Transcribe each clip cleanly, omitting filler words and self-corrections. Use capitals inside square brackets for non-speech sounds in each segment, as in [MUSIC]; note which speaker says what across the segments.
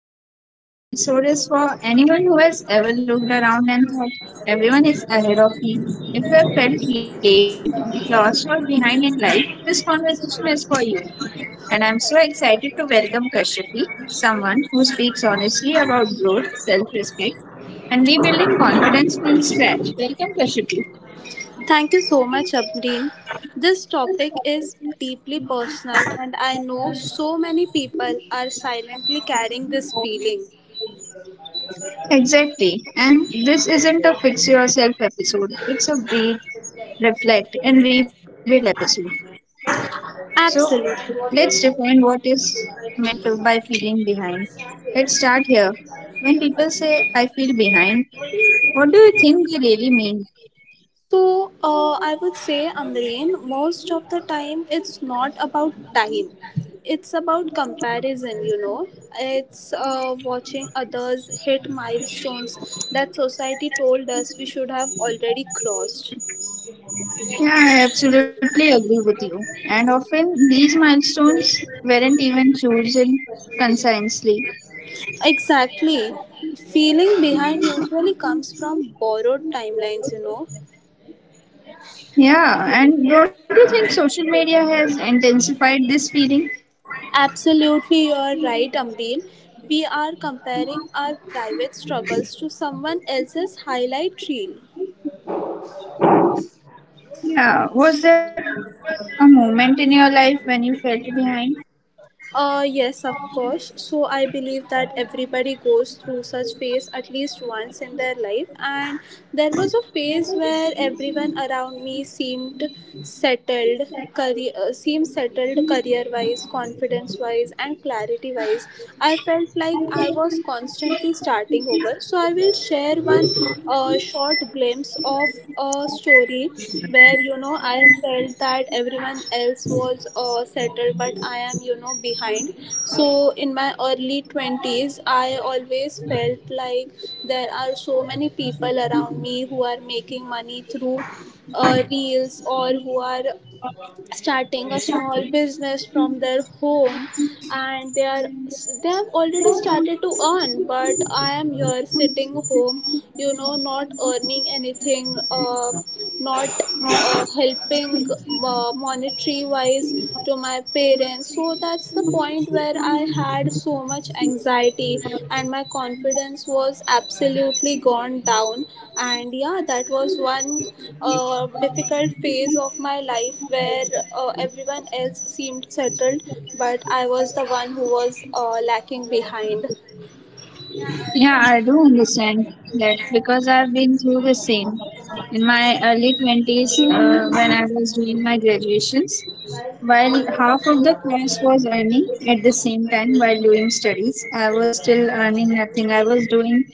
Speaker 1: And today's episode is for anyone who has ever looked around and thought everyone is ahead of you. If you have felt late, lost, or behind in life, this conversation is for you. And I'm so excited to welcome Kashyapi, someone who speaks honestly about growth, self respect, and rebuilding confidence from scratch.
Speaker 2: Thank you so much, Abdeen. This topic is deeply personal, and I know so many people are silently carrying this feeling.
Speaker 1: Exactly. And this isn't a fix yourself episode, it's a breathe, reflect, and rebuild episode. So
Speaker 2: Absolutely.
Speaker 1: let's define what is meant by feeling behind. Let's start here. When people say, I feel behind, what do you think they really mean?
Speaker 2: So, I would say, Amreen, most of the time it's not about time, it's about comparison, you know. It's watching others hit milestones that society told us we should have already crossed.
Speaker 1: Yeah, I absolutely agree with you. And often these milestones weren't even chosen consciously.
Speaker 2: Exactly. Feeling behind usually comes from borrowed timelines, you know.
Speaker 1: Yeah, and don't you think social media has intensified this feeling?
Speaker 2: Absolutely, you're right, Ambeen. We are comparing our private struggles to someone else's highlight reel.
Speaker 1: Yeah, was there a moment in your life when you felt behind?
Speaker 2: Yes, of course. So I believe that everybody goes through such phase at least once in their life. And there was a phase where everyone around me seemed settled, career seemed settled career-wise, confidence-wise, and clarity-wise. I felt like I was constantly starting going over. So I will share one short glimpse of a story where you know I felt that everyone else was settled, but I am you know behind. So in my early 20s, I always felt like there are so many people around me who are making money through reels or who are starting a small business from their home and they have already started to earn, but I am here sitting home, you know, not earning anything, not helping, monetary wise, to my parents. So that's the point where I had so much anxiety and my confidence was absolutely gone down. And yeah, that was one difficult phase of my life where everyone else seemed settled, but I was the one who was lacking behind.
Speaker 1: Yeah, I do understand that because I've been through the same. In my early 20s, when I was doing my graduations, while half of the class was earning at the same time while doing studies, I was still earning nothing. I was doing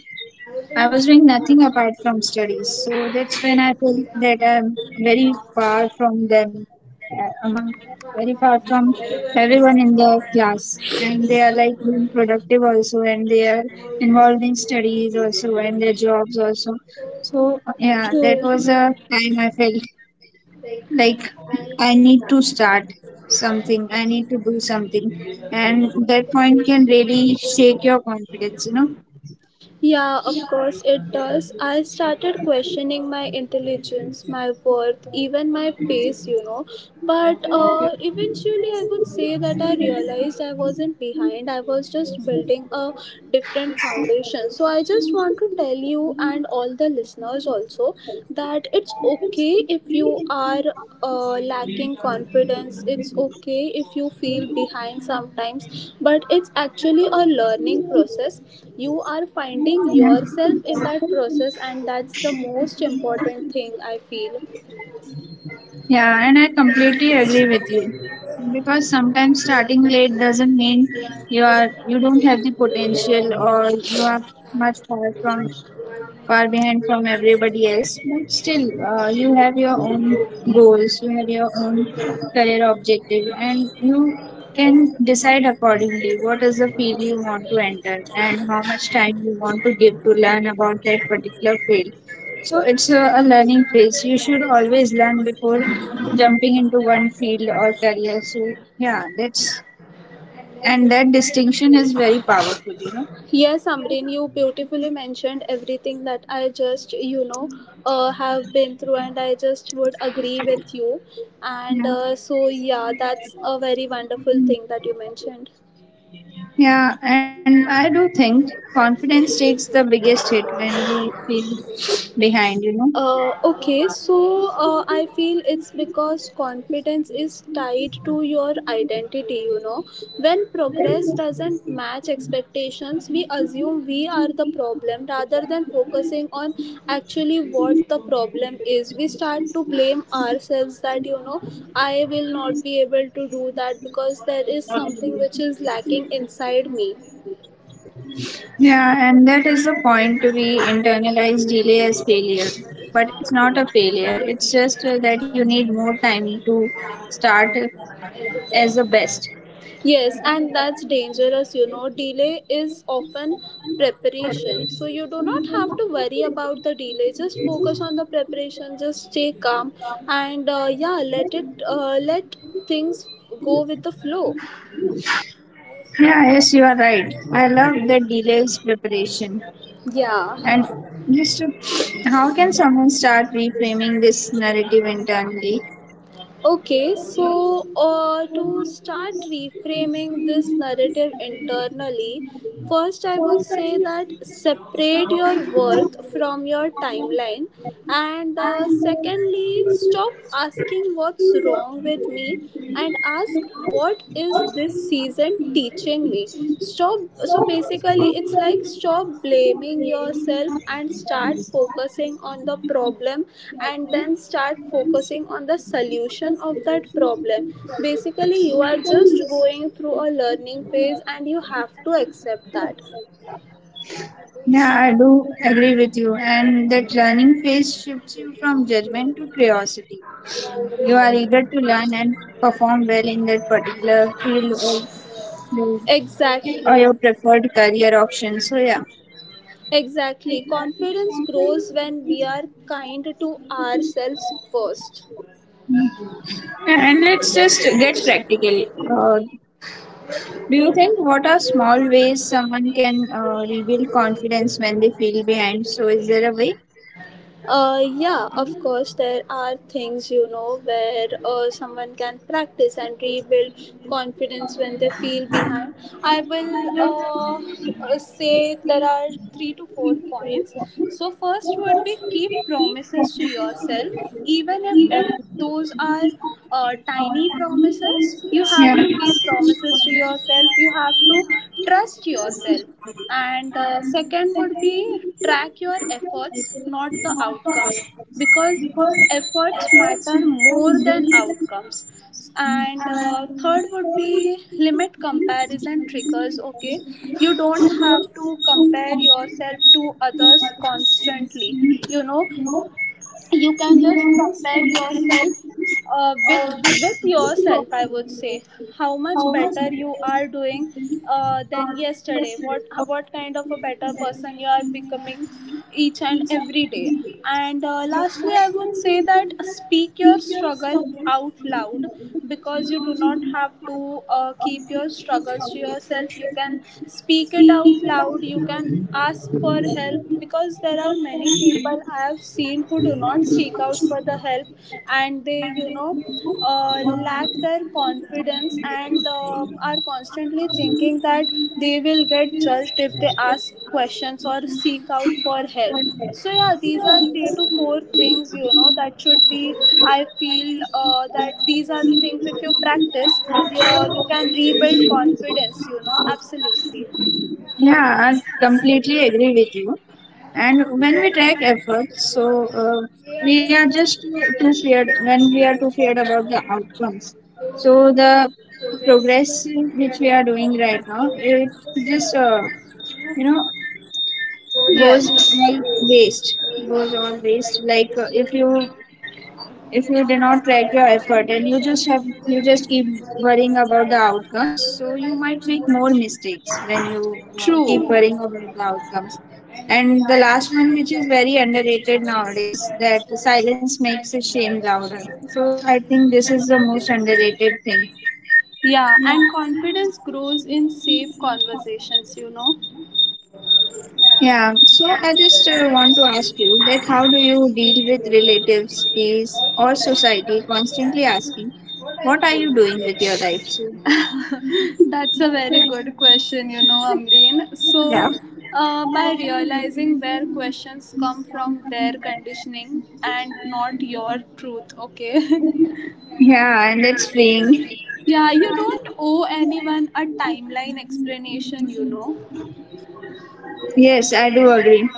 Speaker 1: I was doing nothing apart from studies, so that's when I felt that I'm very far from them, among very far from everyone in the class, and they are like being productive also, and they are involved in studies also, and their jobs also. So yeah, that was a time I felt like I need to start something, I need to do something, and that point can really shake your confidence, you know.
Speaker 2: Yeah, of course it does. I started questioning my intelligence, my worth, even my pace, you know. But eventually, I would say that I realized I wasn't behind. I was just building a different foundation. So, I just want to tell you and all the listeners also that it's okay if you are lacking confidence. It's okay if you feel behind sometimes, but it's actually a learning process. You are finding
Speaker 1: Yeah.
Speaker 2: yourself in that process, and that's the most important thing I feel.
Speaker 1: Yeah, and I completely agree with you. Because sometimes starting late doesn't mean you don't have the potential or you are much far from far behind from everybody else, but still you have your own goals, you have your own career objective, and you can decide accordingly what is the field you want to enter and how much time you want to give to learn about that particular field. So it's a learning phase. You should always learn before jumping into one field or career. So yeah, that's and that distinction is very powerful, you know.
Speaker 2: Yes, Amrin, you beautifully mentioned everything that I just, you know, have been through, and I just would agree with you. And
Speaker 1: Yeah.
Speaker 2: so yeah, that's a very wonderful thing that you mentioned.
Speaker 1: Yeah, and I do think confidence takes the biggest hit when we feel behind, you know.
Speaker 2: Okay, so I feel it's because confidence is tied to your identity, you know. When progress doesn't match expectations, we assume we are the problem rather than focusing on actually what the problem is. We start to blame ourselves that, you know, I will not be able to do that because there is something which is lacking inside me.
Speaker 1: Yeah, and that is the point to be internalized delay as failure. But it's not a failure, it's just that you need more time to start as the best.
Speaker 2: Yes, and that's dangerous, you know. Delay is often preparation. So you do not have to worry about the delay. Just focus on the preparation, just stay calm, and yeah, let things go with the flow.
Speaker 1: Yeah, yes, you are right. I love that delays preparation.
Speaker 2: Yeah.
Speaker 1: And just to, how can someone start reframing this narrative internally?
Speaker 2: Okay, so to start reframing this narrative internally, first I would say that separate your worth from your timeline, and secondly, stop asking what's wrong with me and ask what is this season teaching me. Stop. So basically, it's like stop blaming yourself and start focusing on the problem, and then start focusing on the solution of that problem. Basically, you are just going through a learning phase, and you have to accept that.
Speaker 1: Yeah, I do agree with you. And that learning phase shifts you from judgment to curiosity. You are eager to learn and perform well in that particular field, or
Speaker 2: Exactly.
Speaker 1: your preferred career option. So, yeah.
Speaker 2: Exactly. Confidence grows when we are kind to ourselves first.
Speaker 1: And let's just get practical. Uh, do you think what are small ways someone can rebuild confidence when they feel behind? So, is there a way?
Speaker 2: Yeah, of course, there are things, you know, where
Speaker 1: The
Speaker 2: someone
Speaker 1: most
Speaker 2: can
Speaker 1: important
Speaker 2: practice and
Speaker 1: thing
Speaker 2: rebuild
Speaker 1: is to
Speaker 2: confidence when they feel behind. I will
Speaker 1: remember that the
Speaker 2: say there
Speaker 1: sea
Speaker 2: are
Speaker 1: is not
Speaker 2: three
Speaker 1: a
Speaker 2: to four
Speaker 1: place
Speaker 2: points.
Speaker 1: for games.
Speaker 2: So, first
Speaker 1: The
Speaker 2: would be
Speaker 1: most important
Speaker 2: keep
Speaker 1: thing is
Speaker 2: promises to
Speaker 1: to remember
Speaker 2: yourself,
Speaker 1: that the
Speaker 2: even if
Speaker 1: sea is
Speaker 2: it
Speaker 1: not
Speaker 2: those
Speaker 1: a
Speaker 2: are
Speaker 1: place for
Speaker 2: tiny
Speaker 1: games.
Speaker 2: promises. You have to keep promises to yourself, you have to trust yourself. And second would be track your efforts, not the outcomes, because efforts matter more than outcomes. And third would be limit comparison triggers. Okay, you don't have to compare yourself to others constantly, you know. You can just compare yourself, with yourself, I would say. How much better you are doing than yesterday, what kind of a better person you are becoming each and every day. And lastly, I would say that speak your struggle out loud, because you do not have to keep your struggles to yourself. You can speak it out loud, you can ask for help, because there are many people I have seen who do not seek out for the help, and they, you know, lack their confidence, and are constantly thinking that they will get judged if they ask questions or seek out for help. So yeah, these are three to four things, you know, that should be. I feel that these are the things if you practice, you can rebuild confidence. You know, absolutely.
Speaker 1: Yeah, I completely agree with you. And when we track efforts, so we are just too feared when we are too feared about the outcomes. So the progress which we are doing right now, it just you know goes
Speaker 2: Yes,
Speaker 1: all waste, goes all waste. Like if you do not track your effort, and you just have you just keep worrying about the outcomes, so you might make more mistakes when you keep
Speaker 2: true.
Speaker 1: worrying about the outcomes. And the last one, which is very underrated nowadays, that silence makes the shame louder. So I think this is the most underrated thing.
Speaker 2: Yeah, and confidence grows in safe conversations, you know.
Speaker 1: Yeah, so I just want to ask you that how do you deal with relatives, peers, or society constantly asking, what are you doing with your life? So
Speaker 2: That's a very good question, you know, Amreen. So,
Speaker 1: yeah.
Speaker 2: uh, by realizing where questions come from their conditioning and not your truth, okay? [LAUGHS]
Speaker 1: Yeah, and that's freeing.
Speaker 2: Yeah, you don't owe anyone a timeline explanation, you know.
Speaker 1: Yes, I do agree.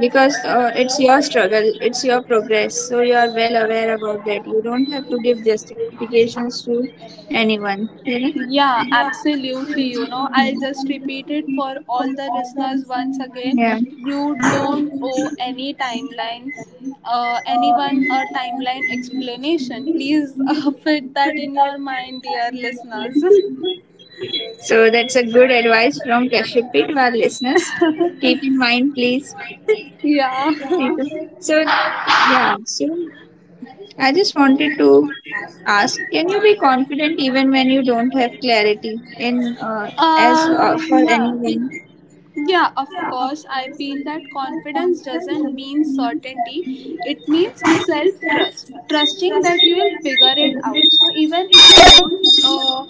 Speaker 1: Because it's your struggle, it's your progress, so you are well aware about that. You don't have to give justifications to anyone. You know?
Speaker 2: Yeah,
Speaker 1: Yeah.
Speaker 2: absolutely. You know, I'll just repeat it for all the listeners once again.
Speaker 1: Yeah.
Speaker 2: You don't owe any timeline, anyone a timeline explanation. Please [LAUGHS] fit that in your mind, dear listeners.
Speaker 1: So that's a good advice from Kashyap to our listeners. Keep in mind, please.
Speaker 2: [LAUGHS] Yeah.
Speaker 1: People. So, yeah. So I just wanted to ask, can you be confident even when you don't have clarity in as
Speaker 2: Uh,
Speaker 1: for
Speaker 2: yeah.
Speaker 1: anyone?
Speaker 2: Yeah, of course. I feel that confidence doesn't mean certainty. It means self trust, trusting that you will figure it out. So even if you don't, uh,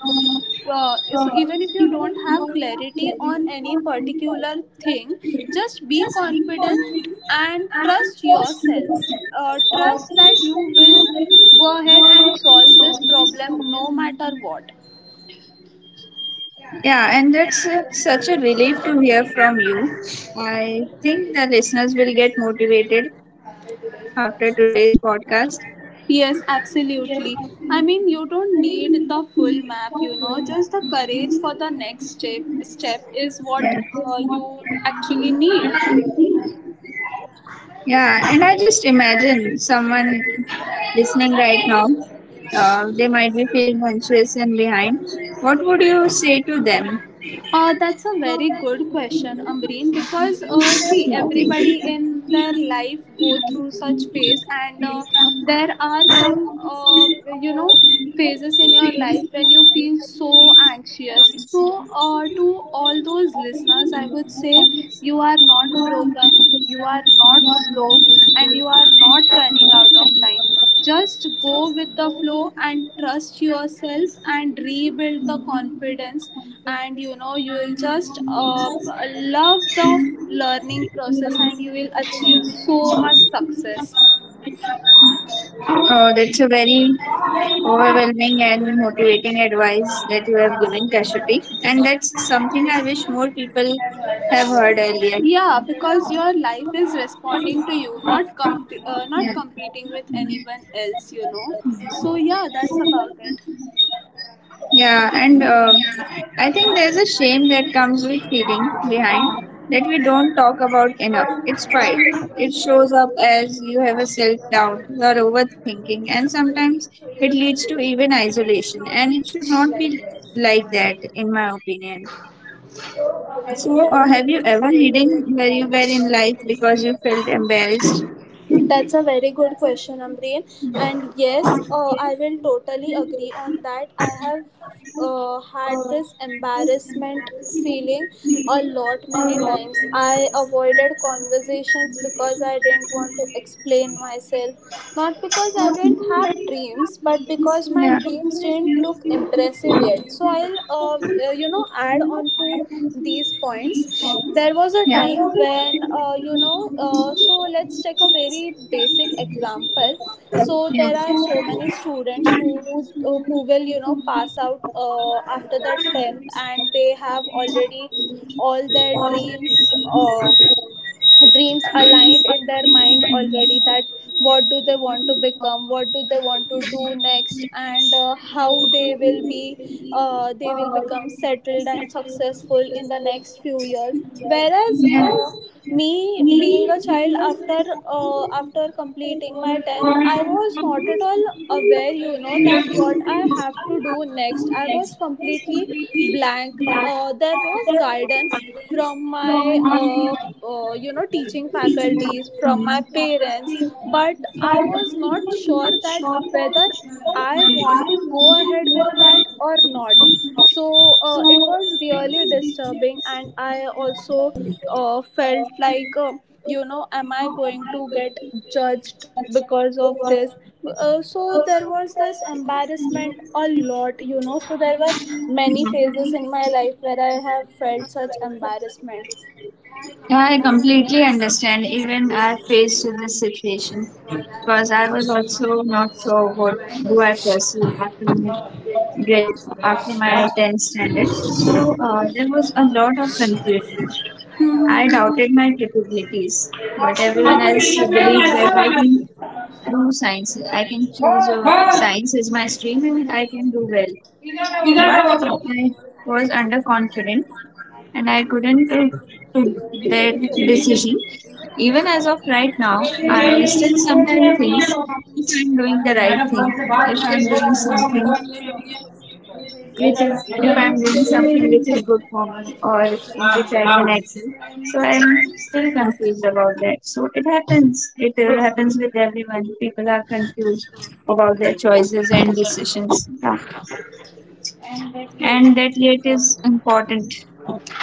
Speaker 2: uh, so even if you don't have clarity on any particular thing, just be confident and trust yourself. Trust that you will go ahead and solve this problem no matter what.
Speaker 1: Yeah, and that's such a relief to hear from you. I think the listeners will get motivated after today's podcast.
Speaker 2: Yes, absolutely. I mean, you don't need the full map, you know, just the courage for the next step is what you actually need.
Speaker 1: Yeah, and I just imagine someone listening right now, they might be feeling anxious and behind. What would you say to them?
Speaker 2: That's a very good question, Amreen, because see,
Speaker 1: Nothing.
Speaker 2: everybody in their life go through such phase, and there are some, you know, phases in your life when you feel so anxious. So, to all those listeners, I would say you are not broken, you are not slow, and you are not running out of time. Just go with the flow and trust yourself and rebuild the confidence, and you know you will just love the learning process and you will achieve so much success.
Speaker 1: Oh, that's a very overwhelming and motivating advice that you have given, Kashyapi. And that's something I wish more people have heard earlier.
Speaker 2: Yeah, because your life is responding to you, not not competing with anyone else, you know. So yeah, that's about it.
Speaker 1: Yeah, and I think there's a shame that comes with feeling behind that we don't talk about enough. It's pride. It shows up as you have a self doubt, you're overthinking, and sometimes it leads to even isolation. And it should not be like that, in my opinion. So, have you ever hidden where you were in life because you felt embarrassed?
Speaker 2: That's a very good question, Amreen.
Speaker 1: Yeah.
Speaker 2: And yes, I will totally agree on that. I have had this embarrassment feeling a lot many times. I avoided conversations because I didn't want to explain myself. Not because I didn't have dreams, but because my
Speaker 1: Yeah.
Speaker 2: dreams didn't look impressive aggressive yet. So I'll, you know, add on to these points. There was a
Speaker 1: Yeah.
Speaker 2: time when, you know, so let's take a very basic example.
Speaker 1: Yeah.
Speaker 2: So there are so many students who will, you know, pass out after the tenth, and they have already all their dreams. Uh, Dreams aligned in their mind already, that what do they want to become, what do they want to do next, and how they will be they will become settled and successful in the next few years. Whereas me being a child, after after completing my 10th, I was not at all aware, you know, that what I have to do next. I was completely blank. There was guidance from my you know, teaching faculties, from my parents, but
Speaker 1: But
Speaker 2: I was
Speaker 1: he
Speaker 2: not
Speaker 1: was
Speaker 2: sure
Speaker 1: not
Speaker 2: that
Speaker 1: sure that
Speaker 2: whether I want to
Speaker 1: shooters
Speaker 2: go ahead with that or not. So it was really disturbing, and I also felt like, you know, am I going to get judged because of this? So there was this embarrassment a lot, you know. So there were many phases in my life where I have felt such embarrassment.
Speaker 1: are I completely understand. Even I faced this situation because I was also not sure what do I pursue after my grade, after my 10th standard. So there was a lot of confusion. I doubted my capabilities, but everyone else believed that I can do science. I can choose science as my stream and I can do well. But I was underconfident and I couldn't took that decision. Even as of right now, I still sometimes think if I'm doing the right thing, if I'm doing something which is if I'm doing something which is good for me or in which I can excel. So I'm still confused about that. So it happens. It happens with everyone. People are confused about their choices and decisions. Yeah. And that yet is important.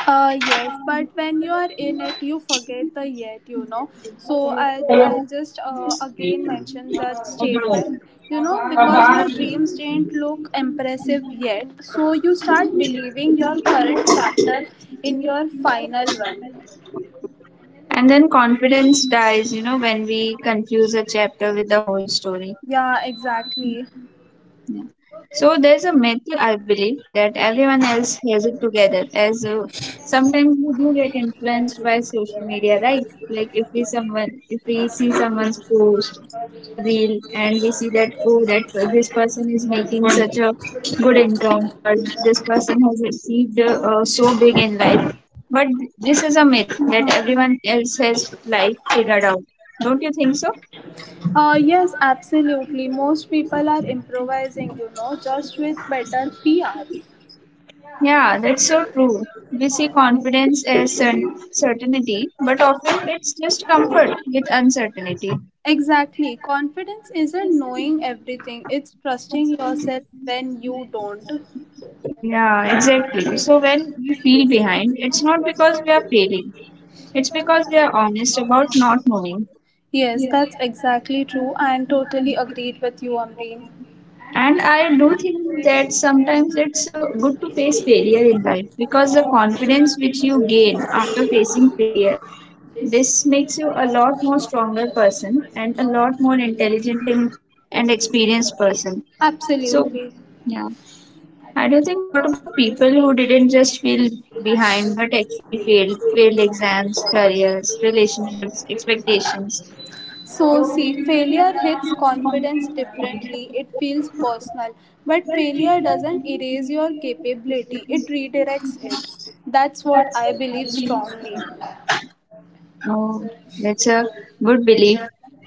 Speaker 2: Yes, but when you are in it, you forget the yet, you know. So I'll just again mention that statement, you know, because my dreams didn't look impressive yet. So you start believing your current chapter in your final one.
Speaker 1: And then confidence dies, you know, when we confuse a chapter with the whole story.
Speaker 2: Yeah, exactly.
Speaker 1: Yeah. So there's a myth I believe that everyone else has it together. As sometimes we do get influenced by social media, right? Like if we someone if we see someone's post or reel, and we see that, oh, that this person is making such a good income, or this person has achieved so big in life. But this is a myth that everyone else has life figured out. Don't you think so?
Speaker 2: Yes, absolutely. Most people are improvising, you know, just with better PR.
Speaker 1: Yeah, that's so true. We see confidence as certainty, but often it's just comfort with uncertainty.
Speaker 2: Exactly. Confidence isn't knowing everything, it's trusting yourself when you don't.
Speaker 1: Yeah, exactly. So when we feel behind, it's not because we are failing, it's because we are honest about not knowing.
Speaker 2: Yes, that's exactly true and totally agreed with you, Amreen.
Speaker 1: And I do think that sometimes it's good to face failure in life, because the confidence which you gain after facing failure, this makes you a lot more stronger person and a lot more intelligent and experienced person. So,
Speaker 2: Absolutely.
Speaker 1: yeah. I do think what about people who didn't just feel behind but actually failed, failed exams, careers, relationships, expectations?
Speaker 2: So, see, failure hits confidence differently. It feels personal, but failure doesn't erase your capability, it redirects it. That's what I believe strongly.
Speaker 1: Oh, that's a good belief.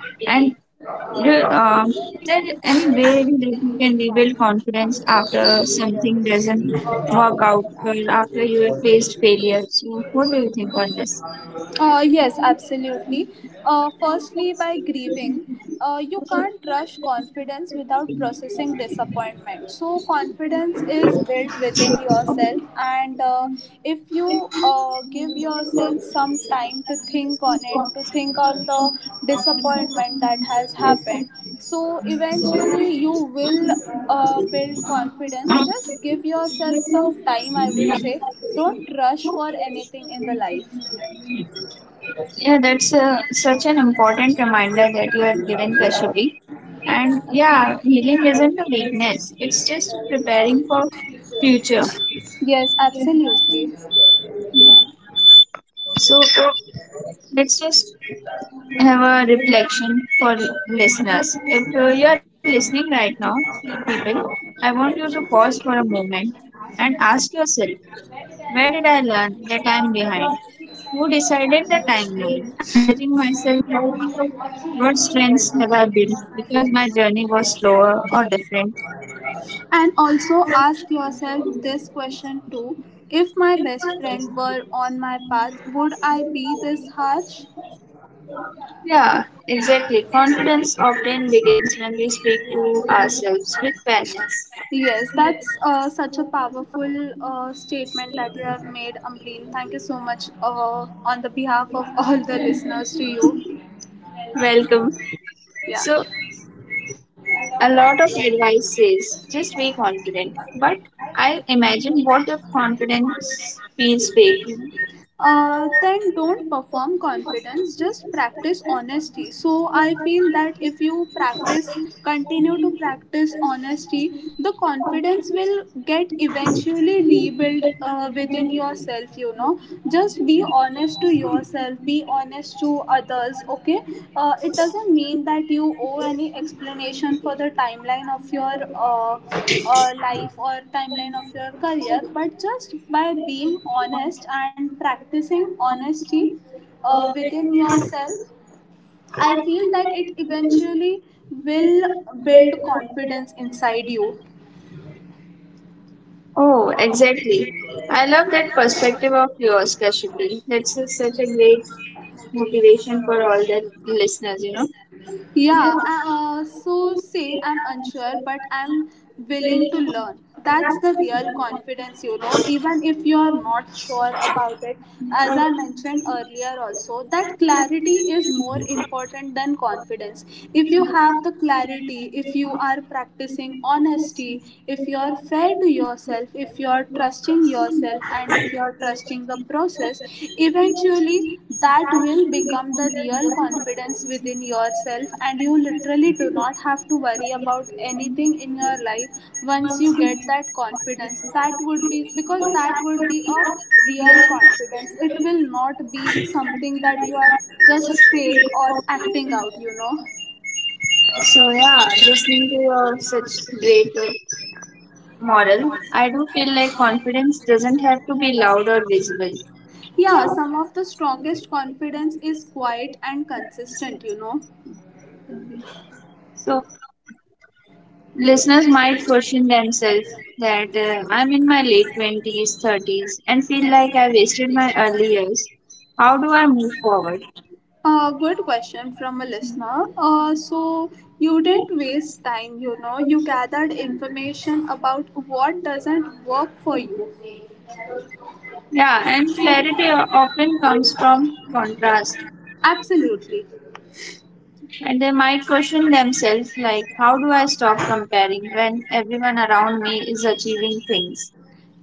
Speaker 1: And do- um, is there any way that you can rebuild confidence after something doesn't work out or after you have faced failure? So, what do you think on this?
Speaker 2: Yes, absolutely. Firstly, by grieving, you can't rush confidence without processing disappointment. So, confidence is built within yourself, and if you give yourself some time to think on it, to think on the disappointment that has happened, so eventually you will build confidence. Just give yourself some time, I would say. Don't rush for anything in the life.
Speaker 1: Yeah, that's such an important reminder that you have given, Kashyapi. And yeah, healing isn't a weakness. It's just preparing for future.
Speaker 2: Yes, absolutely.
Speaker 1: So let's just have a reflection for listeners. If you are listening right now, people, I want you to pause for a moment and ask yourself, where did I learn that I'm behind? Who decided the timeline? I'm judging myself by what strengths have I built because my journey was slower or different.
Speaker 2: And also ask yourself this question too, if my best friend were on my path, would I be this harsh?
Speaker 1: Yeah, exactly. Confidence often begins when we speak to ourselves with fairness.
Speaker 2: Yes, that's such a powerful statement that you have made, Amreen. Thank you so much on the behalf of all the listeners to you.
Speaker 1: Welcome.
Speaker 2: Yeah.
Speaker 1: So, a lot of advice says just be confident, but I imagine what if confidence feels fake?
Speaker 2: Then don't perform confidence, just practice honesty. So I feel that if you practice, continue to practice honesty, the confidence will get eventually rebuilt within yourself, you know. Just be honest to yourself, be honest to others, okay. It doesn't mean that you owe any explanation for the timeline of your life or timeline of your career, but just by being honest and practicing honesty within yourself, I feel that it eventually will build confidence inside you.
Speaker 1: Oh, exactly. I love that perspective of yours, Kashyapi. That's such a great motivation for all the listeners, you know.
Speaker 2: Yeah. So say I'm unsure, but I'm willing to learn. That's the real confidence, you know, even if you're not sure about it. As I mentioned earlier, also, that clarity is more important than confidence. If you have the clarity, if you are practicing honesty, if you're fair to yourself, if you're trusting yourself, and if you're trusting the process, eventually that will become the real confidence within yourself, and you literally do not have to worry about anything in your life once you get that confidence. That would be, because that would be a real confidence. It will not be something that you are just fake or acting out, you know.
Speaker 1: So yeah, listening to your such great moral, I do feel like confidence doesn't have to be loud or visible.
Speaker 2: Yeah, some of the strongest confidence is quiet and consistent, you know.
Speaker 1: So listeners might question themselves that I'm in my late 20s, 30s, and feel like I wasted my early years. How do I move forward?
Speaker 2: Good question from a listener. So you didn't waste time, you know, you gathered information about what doesn't work for you.
Speaker 1: Yeah, and clarity often comes from contrast,
Speaker 2: Absolutely.
Speaker 1: and they might question themselves like, how do I stop comparing when everyone around me is achieving things?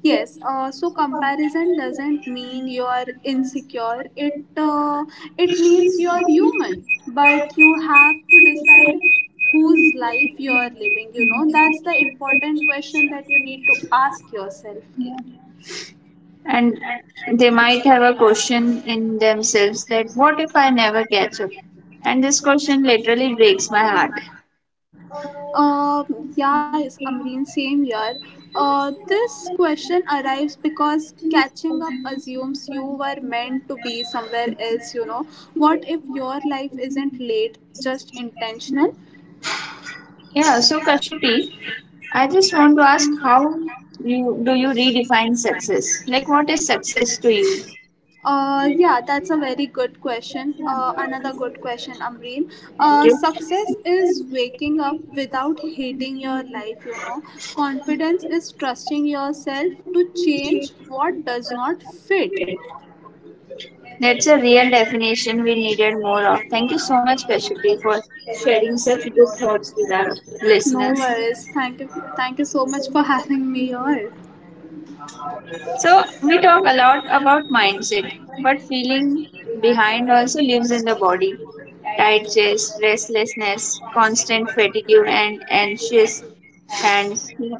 Speaker 2: Yes, so comparison doesn't mean you're insecure. It it means you're human, but you have to decide whose life you're living, you know. That's the important question that you need to ask yourself.
Speaker 1: And they might have a question in themselves that, what if I never catch up? And this question literally breaks my heart.
Speaker 2: Yes, Amreen, same year. This question arrives because catching up assumes you were meant to be somewhere else, you know. What if your life isn't late, just intentional?
Speaker 1: Yeah, so Kashyapi, I just want to ask how you do you redefine success? Like what is success to you?
Speaker 2: Yeah, that's a very good question. Another good question, Amreen. Success is waking up without hating your life, you know. Confidence is trusting yourself to change what does not fit.
Speaker 1: That's a real definition we needed more of. Thank you so much, Kashyapi, for sharing such good thoughts with our
Speaker 2: No
Speaker 1: listeners.
Speaker 2: worries. Thank you. Thank you so much for having me here.
Speaker 1: So we talk a lot about mindset, but feeling behind also lives in the body. Tight chest, restlessness, constant fatigue and anxious hands.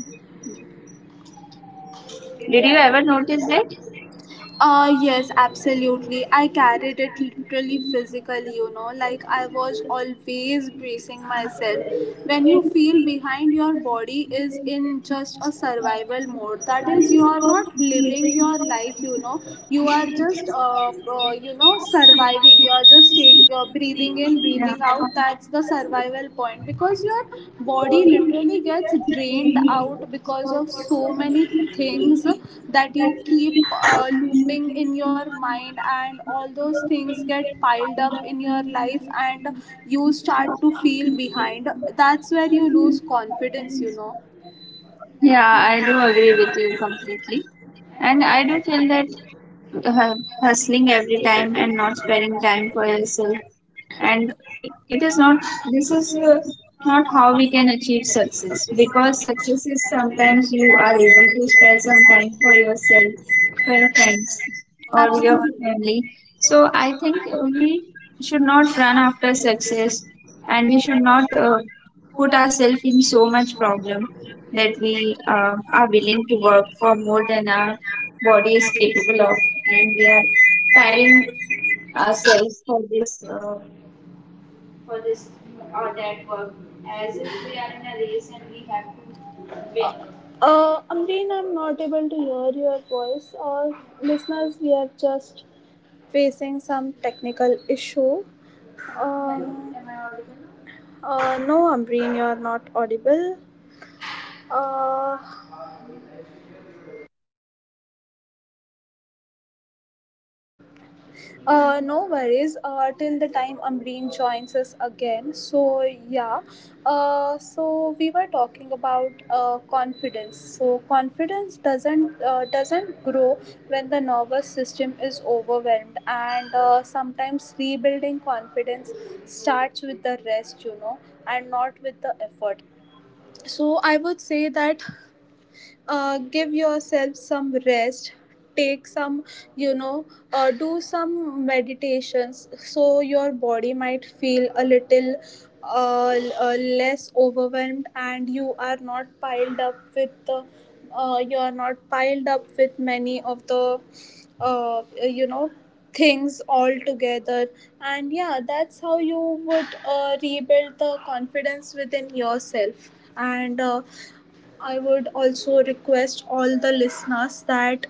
Speaker 1: Did you ever notice that?
Speaker 2: Uh,
Speaker 1: When we
Speaker 2: yes,
Speaker 1: think about
Speaker 2: absolutely. I carried it
Speaker 1: the
Speaker 2: literally physically, you know, like I was always bracing myself. When you feel behind, your body is
Speaker 1: reasons that
Speaker 2: in
Speaker 1: we
Speaker 2: just
Speaker 1: must
Speaker 2: a
Speaker 1: observe,
Speaker 2: survival mode. That is, you
Speaker 1: studies
Speaker 2: are
Speaker 1: show
Speaker 2: not
Speaker 1: that when we are at
Speaker 2: living
Speaker 1: the
Speaker 2: your
Speaker 1: top
Speaker 2: life, you know. You are
Speaker 1: of
Speaker 2: just
Speaker 1: our
Speaker 2: surviving. You
Speaker 1: game,
Speaker 2: are just
Speaker 1: we
Speaker 2: take
Speaker 1: sleep less
Speaker 2: breathing
Speaker 1: deeply.
Speaker 2: in, breathing
Speaker 1: That's
Speaker 2: out, that's the
Speaker 1: things
Speaker 2: survival point because your body
Speaker 1: you
Speaker 2: literally gets
Speaker 1: you're
Speaker 2: drained
Speaker 1: feel
Speaker 2: out because of so many things that you keep
Speaker 1: in
Speaker 2: looping in your
Speaker 1: your
Speaker 2: mind, and all those things get piled up in your life, and you start to feel behind. That's where you lose confidence, you know.
Speaker 1: yeah, I do agree with you completely. And I do feel that hustling every time and not sparing time for yourself and it is not this is not how we can achieve success, because success is sometimes you are able to spare some time for yourself, for your friends or your
Speaker 2: Absolutely.
Speaker 1: family. So I think we should not run after success and we should not put ourselves in so much problem that we are willing to work for more than our body is capable of, and we are tiring ourselves for this or that work as if we are in a race and we have to win no
Speaker 2: Amreen,
Speaker 1: matter
Speaker 2: I'm
Speaker 1: what.
Speaker 2: not able to hear your voice.
Speaker 1: Yeah.
Speaker 2: Listeners,
Speaker 1: Hello.
Speaker 2: we are just facing some technical issue.
Speaker 1: Hello,
Speaker 2: Um,
Speaker 1: am I audible now?
Speaker 2: uh, no, Ambreen, you're not audible. Uh, no worries. Till the time Ambreen joins us again. So yeah. So we were talking about confidence. So confidence doesn't grow when the nervous system is overwhelmed, and sometimes rebuilding confidence starts with the rest, you know, and not with the effort. So I would say that, give yourself some rest, take some, you know, do some meditations so your body might feel a little less overwhelmed, and you are not piled up with the, you are not piled up with many of the, you know, things all together. And yeah, that's how you would rebuild the confidence within yourself. And I would also request all the listeners that,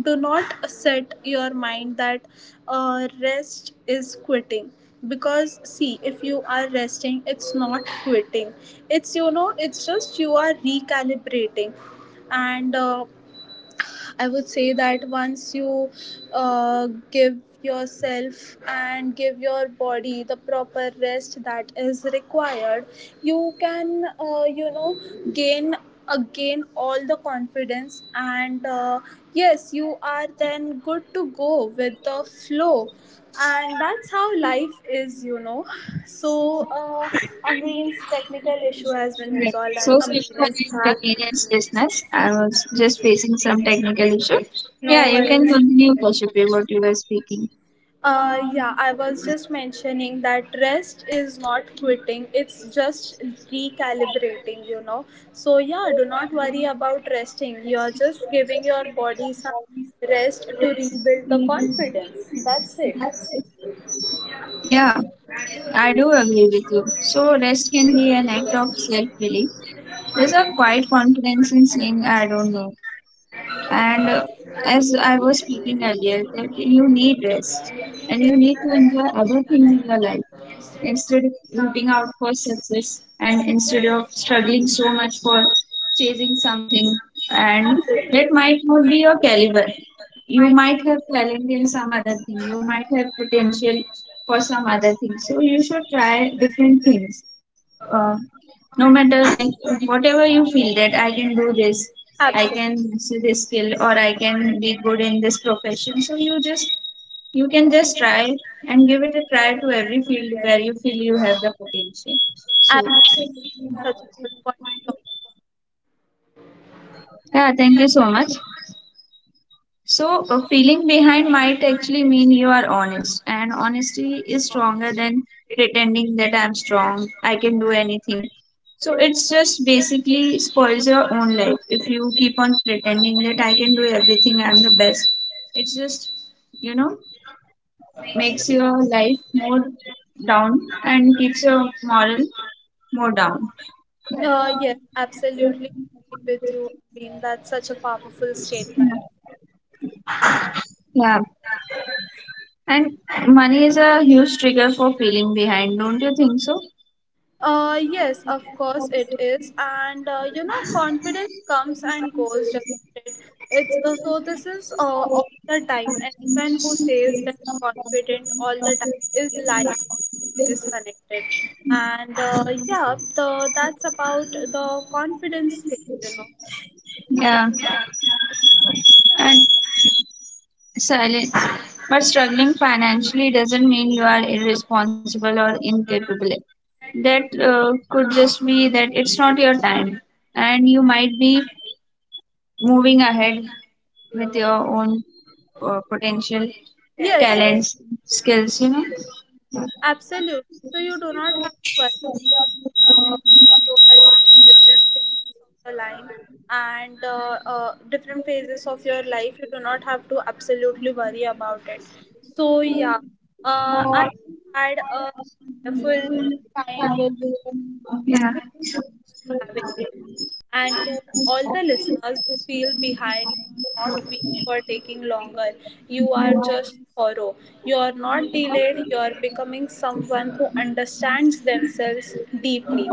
Speaker 2: do not set your mind that rest is quitting, because see, if you are resting, it's not quitting, it's, you know, it's just you are recalibrating. And I would say that once you give yourself and give your body the proper rest that is required, you can, gain again all the confidence, and yes, you are then good to go with the flow. And that's how life is, you know. So Amreen's technical issue has been resolved and Amreen is back. No worries. Yeah, I was just mentioning that rest is not quitting, it's just recalibrating, you know. So, yeah, do not worry about resting. You're just giving your body some rest to rebuild the confidence. That's it.
Speaker 1: Yeah, I do agree with you. So rest can be an act of self-belief. There's a quiet confidence in saying, I don't know, and as I was speaking earlier, that you need rest and you need to enjoy other things in your life instead of rooting out for success and instead of struggling so much for chasing something, and that might not be your caliber. You might have talent in some other thing, you might have potential for some other thing, so you should try different things. uh, no matter like whatever you feel that I can do this, I can see this skill or I can be good in this profession. So you just you can just try and give it a try to every field where you feel you have the potential. So yeah, thank you so much. So, feeling behind might actually mean you are honest, and honesty is stronger than pretending that I'm strong, I can do anything. So, it's just basically spoils your own life if you keep on pretending that I can do everything, I'm the best. It's just, you know, makes your life more down and keeps your moral more down.
Speaker 2: Yes, absolutely agreed with you. I mean, that's such a powerful statement.
Speaker 1: Yeah. And money is a huge trigger for feeling behind, don't you think so?
Speaker 2: Yes, of course it is. And you know, confidence comes and goes, doesn't it? It's so this is All the time. Anyone who says they're confident all the time is lying or is disconnected. And Yeah, the that's about the confidence thing, you know.
Speaker 1: Yeah. And silence. But struggling financially doesn't mean you are irresponsible or incapable. That could just be that it's not your time, and you might be moving ahead with your own potential,
Speaker 2: Yes,
Speaker 1: talents, skills, you
Speaker 2: absolutely. So you do not have to worry about, you are in your different phases of the line, and different phases of your life, you do not have to absolutely worry about it. So yeah, I
Speaker 1: know.
Speaker 2: had a wonderful time with you. Thank
Speaker 1: Yeah.
Speaker 2: you so much for having, and to all the listeners who feel behind, you're not weak for taking longer, you are just thorough. You're not delayed, you're becoming someone who understands themselves deeply.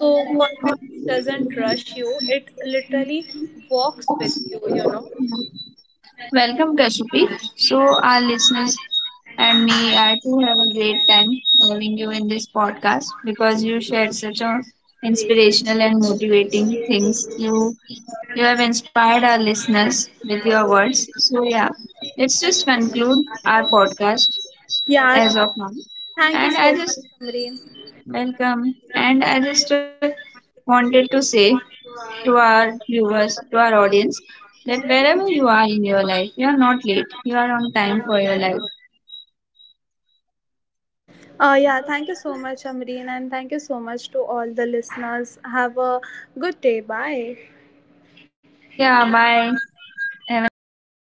Speaker 2: So confidence doesn't rush you, it literally walks with you, you know.
Speaker 1: Welcome, Kashyapi. So, our listeners and me are to have a great time having you in this podcast because you shared such a inspirational and motivating things. You have inspired our listeners with your words. So, yeah, let's just conclude our podcast
Speaker 2: Yeah,
Speaker 1: as of now.
Speaker 2: thank
Speaker 1: And
Speaker 2: you
Speaker 1: I
Speaker 2: so
Speaker 1: just
Speaker 2: much, Amreen.
Speaker 1: welcome. And I just wanted to say to our viewers, to our audience, that wherever you are in your life, you are not late. You are on time for your life.
Speaker 2: Uh, yeah, thank you so much, Amreen, and thank you so much to all the listeners. Have a good day, bye.
Speaker 1: Yeah, bye. Have a nice day.